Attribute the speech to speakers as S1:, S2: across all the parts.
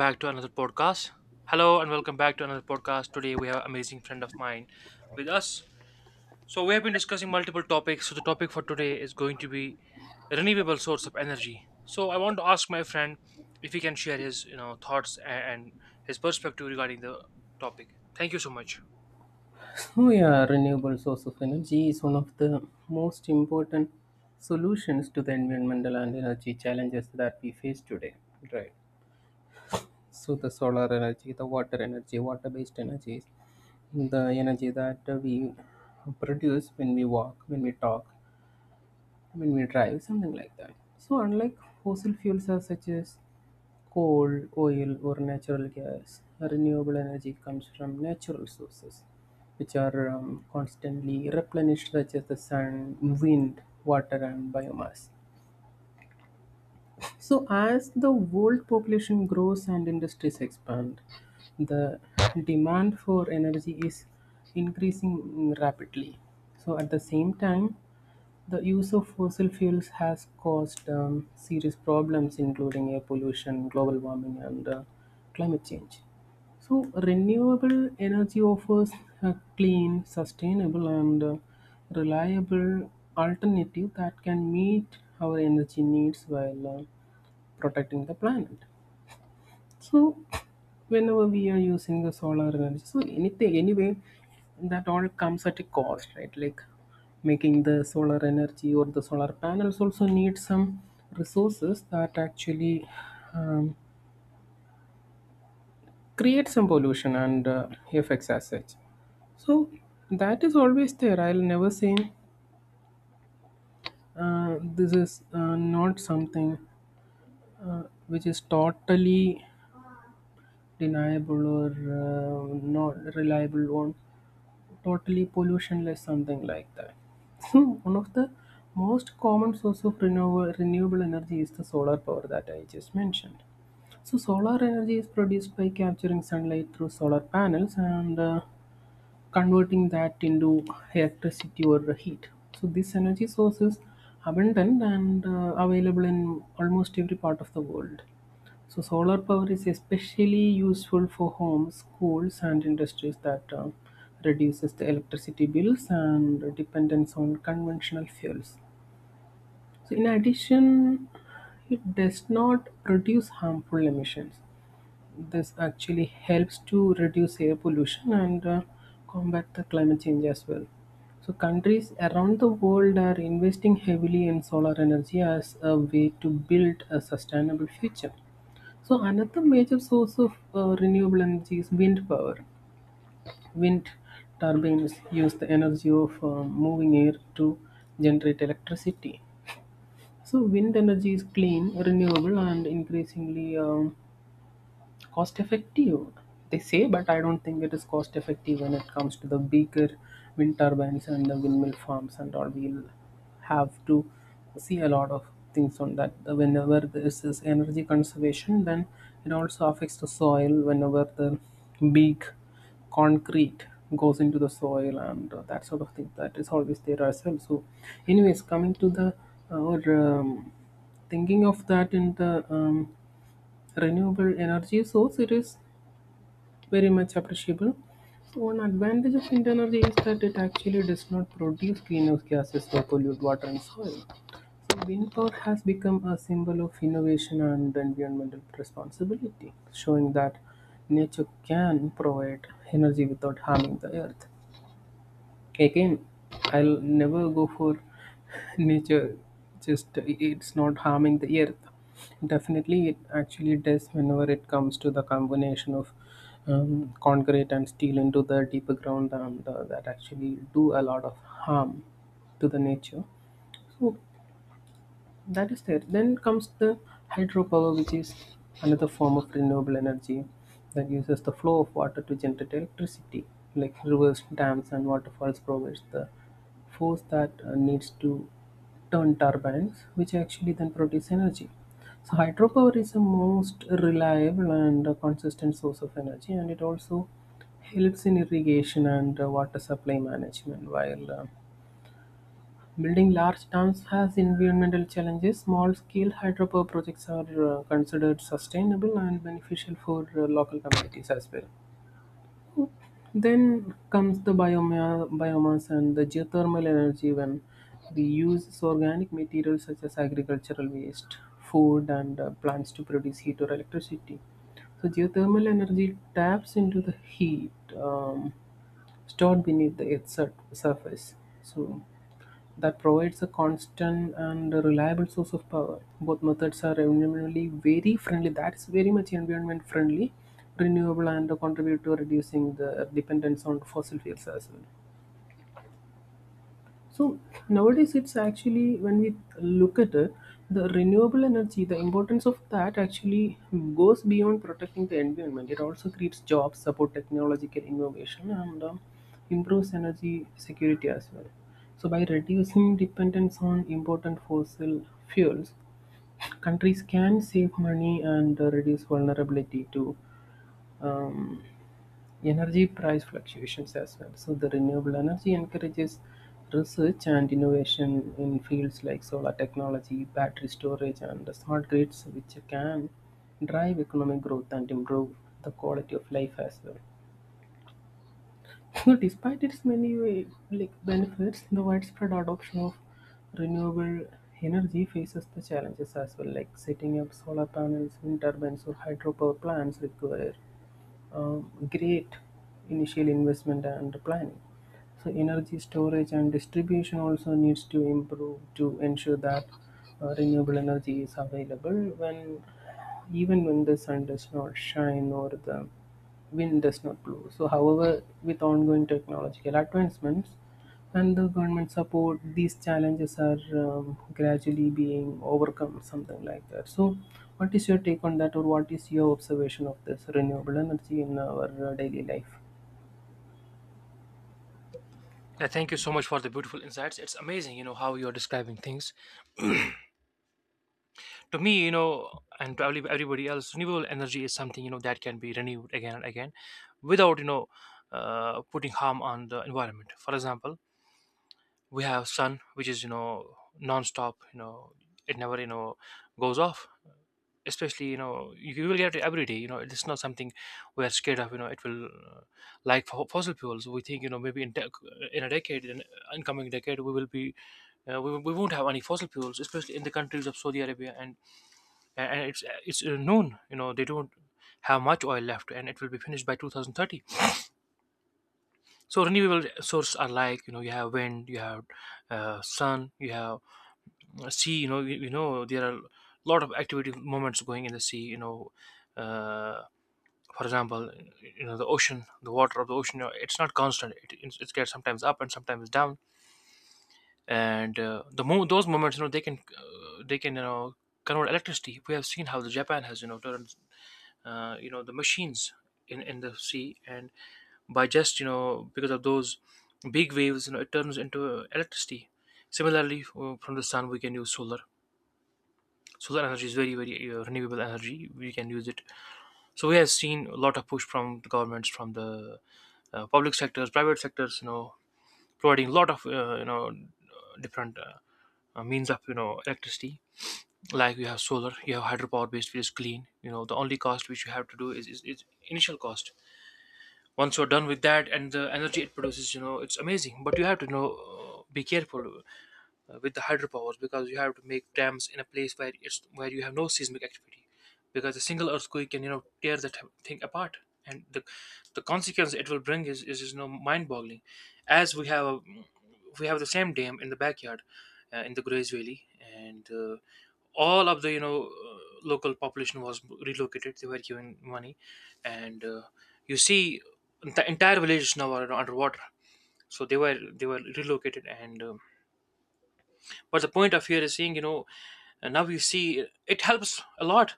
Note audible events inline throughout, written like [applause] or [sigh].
S1: Back to another podcast. Hello and welcome back to another podcast. Today we have an amazing friend of mine with us. So we have been discussing multiple topics. So the topic for today is going to be renewable source of energy. So I want to ask my friend if he can share his thoughts and his perspective regarding the topic. Thank you so much.
S2: Oh yeah, renewable source of energy is one of the most important solutions to the environmental and energy challenges that we face today. Right. So the solar energy, the water energy, water-based energies, the energy that we produce when we walk, when we talk, when we drive, something like that. So unlike fossil fuels are such as coal, oil, or natural gas. Renewable energy comes from natural sources, which are constantly replenished, such as the sun, wind, water, and biomass. So, as the world population grows and industries expand, the demand for energy is increasing rapidly. So, at the same time, the use of fossil fuels has caused serious problems, including air pollution, global warming, and climate change. So, renewable energy offers a clean, sustainable, and reliable alternative that can meet our energy needs while protecting the planet. So whenever we are using the solar energy, so anything anyway, that all comes at a cost, right? Like making the solar energy or the solar panels also need some resources that actually um, create some pollution and effects as such. So that is always there. I'll never say this is not something which is totally deniable or not reliable or totally pollutionless, something like that. [laughs] So one of the most common source of renewable energy is the solar power that I just mentioned. So solar energy is produced by capturing sunlight through solar panels and converting that into electricity or heat. So this energy source is abundant and available in almost every part of the world. So solar power is especially useful for homes, schools, and industries that reduces the electricity bills and dependence on conventional fuels. So in addition, it does not produce harmful emissions. This actually helps to reduce air pollution and combat the climate change as well. So, countries around the world are investing heavily in solar energy as a way to build a sustainable future. So another major source of renewable energy is wind power. Wind turbines use the energy of moving air to generate electricity. So wind energy is clean, renewable, and increasingly cost effective they say, but I don't think it is cost effective when it comes to the bigger wind turbines and the windmill farms, and all we'll have to see a lot of things on that. Whenever this is energy conservation, then it also affects the soil whenever the big concrete goes into the soil and that sort of thing, that is always there as well. So anyways, coming to the our thinking of that in the um, renewable energy source, it is very much appreciable. So one advantage of wind energy is that it actually does not produce greenhouse gases or pollute water and soil. So wind power has become a symbol of innovation and environmental responsibility, showing that nature can provide energy without harming the earth. Again, I'll never go for [laughs] nature, just it's not harming the earth. Definitely, it actually does whenever it comes to the combination of concrete and steel into the deeper ground, and that actually do a lot of harm to the nature. So that is there. Then comes the hydropower, which is another form of renewable energy that uses the flow of water to generate electricity. Like rivers, dams, and waterfalls provides the force that needs to turn turbines, which actually then produce energy. So hydropower is the most reliable and consistent source of energy, and it also helps in irrigation and water supply management. While building large dams has environmental challenges, small-scale hydropower projects are considered sustainable and beneficial for local communities as well. Then comes the biomass and the geothermal energy, when we use organic materials such as agricultural waste, food, and plants to produce heat or electricity. So geothermal energy taps into the heat um, stored beneath the Earth's surface. So that provides a constant and a reliable source of power. Both methods are environmentally very friendly. That's very much environment friendly, renewable, and contribute to reducing the dependence on fossil fuels as well. So nowadays, it's actually when we look at it, the renewable energy, the importance of that actually goes beyond protecting the environment. It also creates jobs, support technological innovation, and improves energy security as well. So by reducing dependence on important fossil fuels, countries can save money and reduce vulnerability to um, energy price fluctuations as well. So the renewable energy encourages research and innovation in fields like solar technology, battery storage, and the smart grids, which can drive economic growth and improve the quality of life as well. [laughs] So despite its many benefits, the widespread adoption of renewable energy faces the challenges as well, like setting up solar panels, wind turbines, or hydropower plants require great initial investment and planning. So energy storage and distribution also needs to improve to ensure that renewable energy is available when, even when the sun does not shine or the wind does not blow. So, however, with ongoing technological advancements and the government support, these challenges are gradually being overcome, something like that. So, what is your take on that, or what is your observation of this renewable energy in our daily life?
S1: Yeah, thank you so much for the beautiful insights. It's amazing, you know, how you're describing things to me, you know, and probably everybody else, renewable energy is something, you know, that can be renewed again and again, without putting harm on the environment. For example, we have sun, which is, you know, non-stop. You know, it never goes off. Especially, you know, you will get it every day. You know, it's not something we are scared of. You know, it will like fossil fuels. We think, you know, maybe in a decade, in incoming decade, we will be we won't have any fossil fuels, especially in the countries of Saudi Arabia. And it's known, you know, they don't have much oil left, and it will be finished by 2030. So renewable sources are like, you know, you have wind, you have sun, you have sea. You know, you know, there are a lot of activity moments going in the sea. You know, uh, for example, you know, the ocean, the water of the ocean, you know, it's not constant. It gets sometimes up and sometimes down. And those moments, you know, they can, they can, you know, convert electricity. We have seen how the Japan has, you know, turned you know, the machines in the sea, and by just, you know, because of those big waves, you know, it turns into electricity. Similarly, from the sun we can use solar. Solar energy is very very renewable energy, we can use it. So we have seen a lot of push from the governments, from the public sectors, private sectors, you know, providing a lot of different means of, you know, electricity. Like you have solar, you have hydropower based, which is clean. You know, the only cost which you have to do is initial cost. Once you're done with that and the energy it produces, you know, it's amazing. But you have to, you know, be careful with the hydropowers, because you have to make dams in a place where it's where you have no seismic activity, because a single earthquake can, you know, tear that thing apart. And the consequence it will bring is, you know, mind boggling. As we have a, We have the same dam in the backyard, in the Grays Valley. And all of the, you know, local population was relocated, they were given money. And you see, the entire villages now are underwater. So they were relocated. And but the point of here is seeing, you know, and now you see, it helps a lot.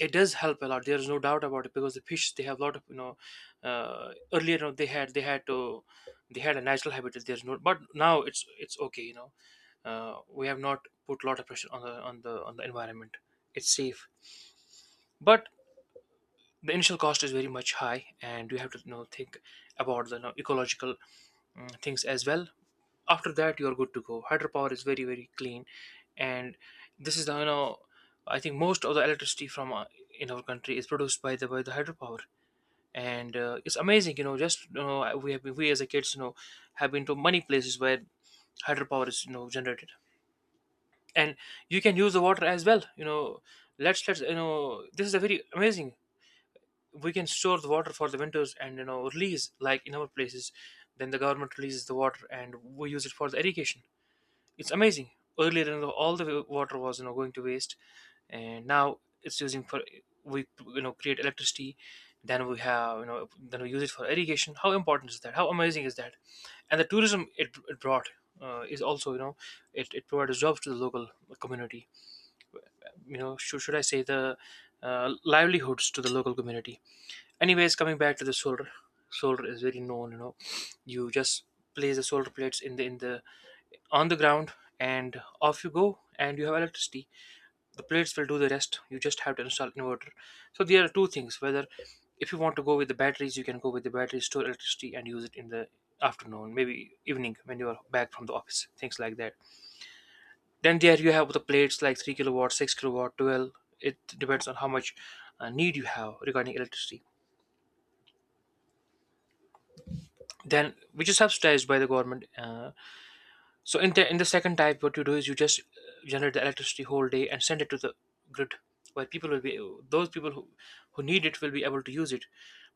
S1: It does help a lot, there is no doubt about it. Because the fish, they have a lot of, you know, earlier on, they had to, they had a natural habitat, there's no. But now it's okay, you know, we have not put a lot of pressure on the environment. It's safe. But the initial cost is very much high, and we have to, you know, think about the, you know, ecological things as well. After that, you're good to go. Hydropower is very very clean. And this is the, you know, I think most of the electricity from, in our country is produced by the hydropower. And it's amazing, you know, just, you know, we as a kids, you know, have been to many places where hydropower is, you know, generated. And you can use the water as well, you know. Let's, you know, this is a very amazing. We can store the water for the winters and, you know, release, like in our places, then the government releases the water, and we use it for the irrigation. It's amazing. Earlier, you know, all the water was, you know, going to waste, and now it's using for, we, you know, create electricity. Then we have, you know, then we use it for irrigation. How important is that? How amazing is that? And the tourism it brought, is also, you know, it provides jobs to the local community. You know, should I say the livelihoods to the local community. Anyways, coming back to the solar, solar is very known. You know, you just place the solar plates in the on the ground, and off you go, and you have electricity. The plates will do the rest, you just have to install inverter. So there are two things, whether if you want to go with the batteries, you can go with the batteries, store electricity and use it in the afternoon, maybe evening, when you are back from the office, things like that. Then there you have the plates like 3 kilowatt, 6 kilowatt, 12. It depends on how much need you have regarding electricity, then which is subsidized by the government. So in the second type, what you do is you just generate the electricity whole day and send it to the grid, where people will be, those people who need it will be able to use it.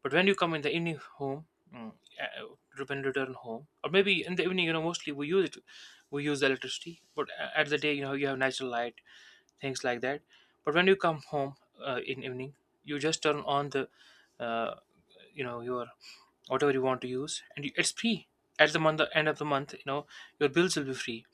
S1: But when you come in the evening home, mm, when you return home, or maybe in the evening, you know, mostly we use it, we use the electricity. But at the day, you know, you have natural light, things like that. But when you come home in evening, you just turn on the, uh, you know, your whatever you want to use, and you, it's free. At the month, end of the month, you know, your bills will be free,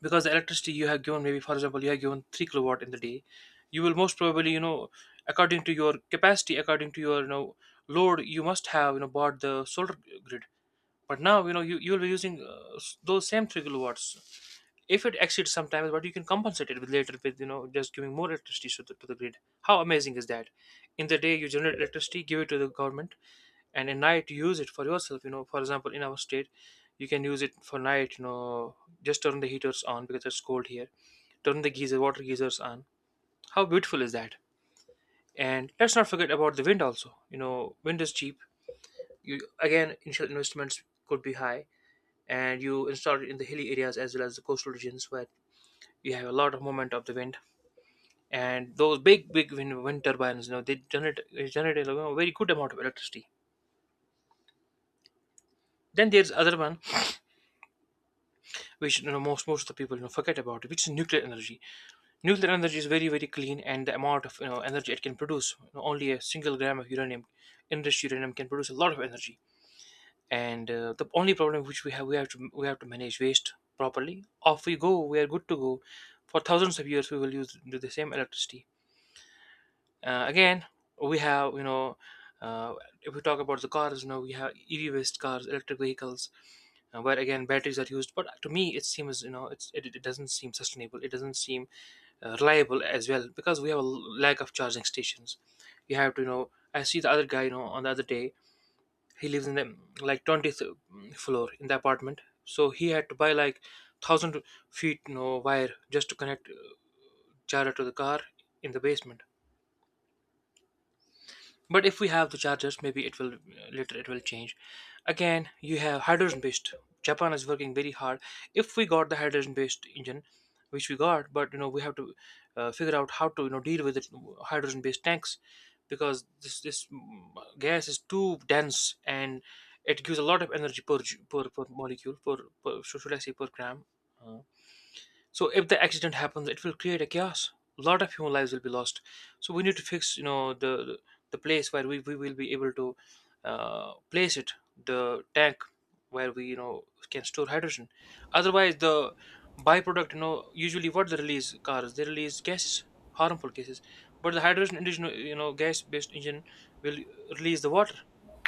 S1: because the electricity you have given, maybe for example, you have given 3 kilowatt in the day, you will most probably, you know, according to your capacity, according to your, you know, load, you must have, you know, bought the solar grid. But now, you know, you will be using those same 3 kilowatts. If it exceeds sometimes, but you can compensate it with later, with, you know, just giving more electricity to the grid. How amazing is that? In the day you generate electricity, give it to the government, and at night you use it for yourself. You know, for example, in our state, you can use it for night. You know, just turn the heaters on because it's cold here, turn the geyser, water geysers on. How beautiful is that? And let's not forget about the wind also. You know, wind is cheap. You, again, initial investments could be high. And you install it in the hilly areas as well as the coastal regions, where you have a lot of movement of the wind. And those big wind turbines, you know, they generate, you know, very good amount of electricity. Then there's other one, which, you know, most of the people, you know, forget about it, which is nuclear energy. Nuclear energy is very very clean, and the amount of, you know, energy it can produce, you know, only a single gram of uranium, enriched uranium, can produce a lot of energy. And the only problem which we have, we have to manage waste properly. Off we go, we are good to go for thousands of years. We will use do the same electricity. Again, we have, you know, uh, if we talk about the cars, you know, we have EV based cars, electric vehicles, where again batteries are used. But to me it seems, you know, it doesn't seem sustainable, it doesn't seem reliable as well, because we have lack of charging stations. You have to, you know, I see the other guy, you know, on the other day, he lives in the like 20th floor in the apartment. So he had to buy like 1000 feet, you know, wire just to connect charger to the car in the basement. But if we have the chargers, maybe it will later, it will change. Again you have hydrogen based. Japan is working very hard. If we got the hydrogen based engine, which we got, but you know, we have to figure out how to, you know, deal with it. Hydrogen based tanks, because this gas is too dense, and it gives a lot of energy per per molecule, per, should I say, per gram. Uh, so if the accident happens, it will create a chaos. A lot of human lives will be lost. So we need to fix, you know, the place where we will be able to place it, the tank, where we, you know, can store hydrogen. Otherwise, the byproduct, you know, usually what they release, cars, they release gases, harmful gases. But the hydrogen engine, you know, gas-based engine will release the water.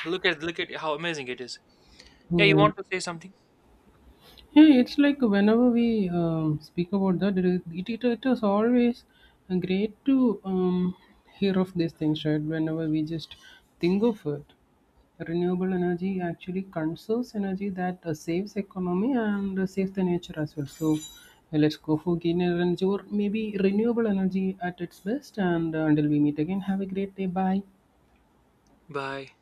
S1: Look at how amazing it is. Yeah, you
S2: Yeah.
S1: want to say something?
S2: Yeah, it's like whenever we speak about that, it is always great to hear of these things, right? Whenever we just think of it, renewable energy actually conserves energy that saves economy and saves the nature as well. So let's go for greener energy or maybe renewable energy at its best. And until we meet again, have a great day. Bye.
S1: Bye.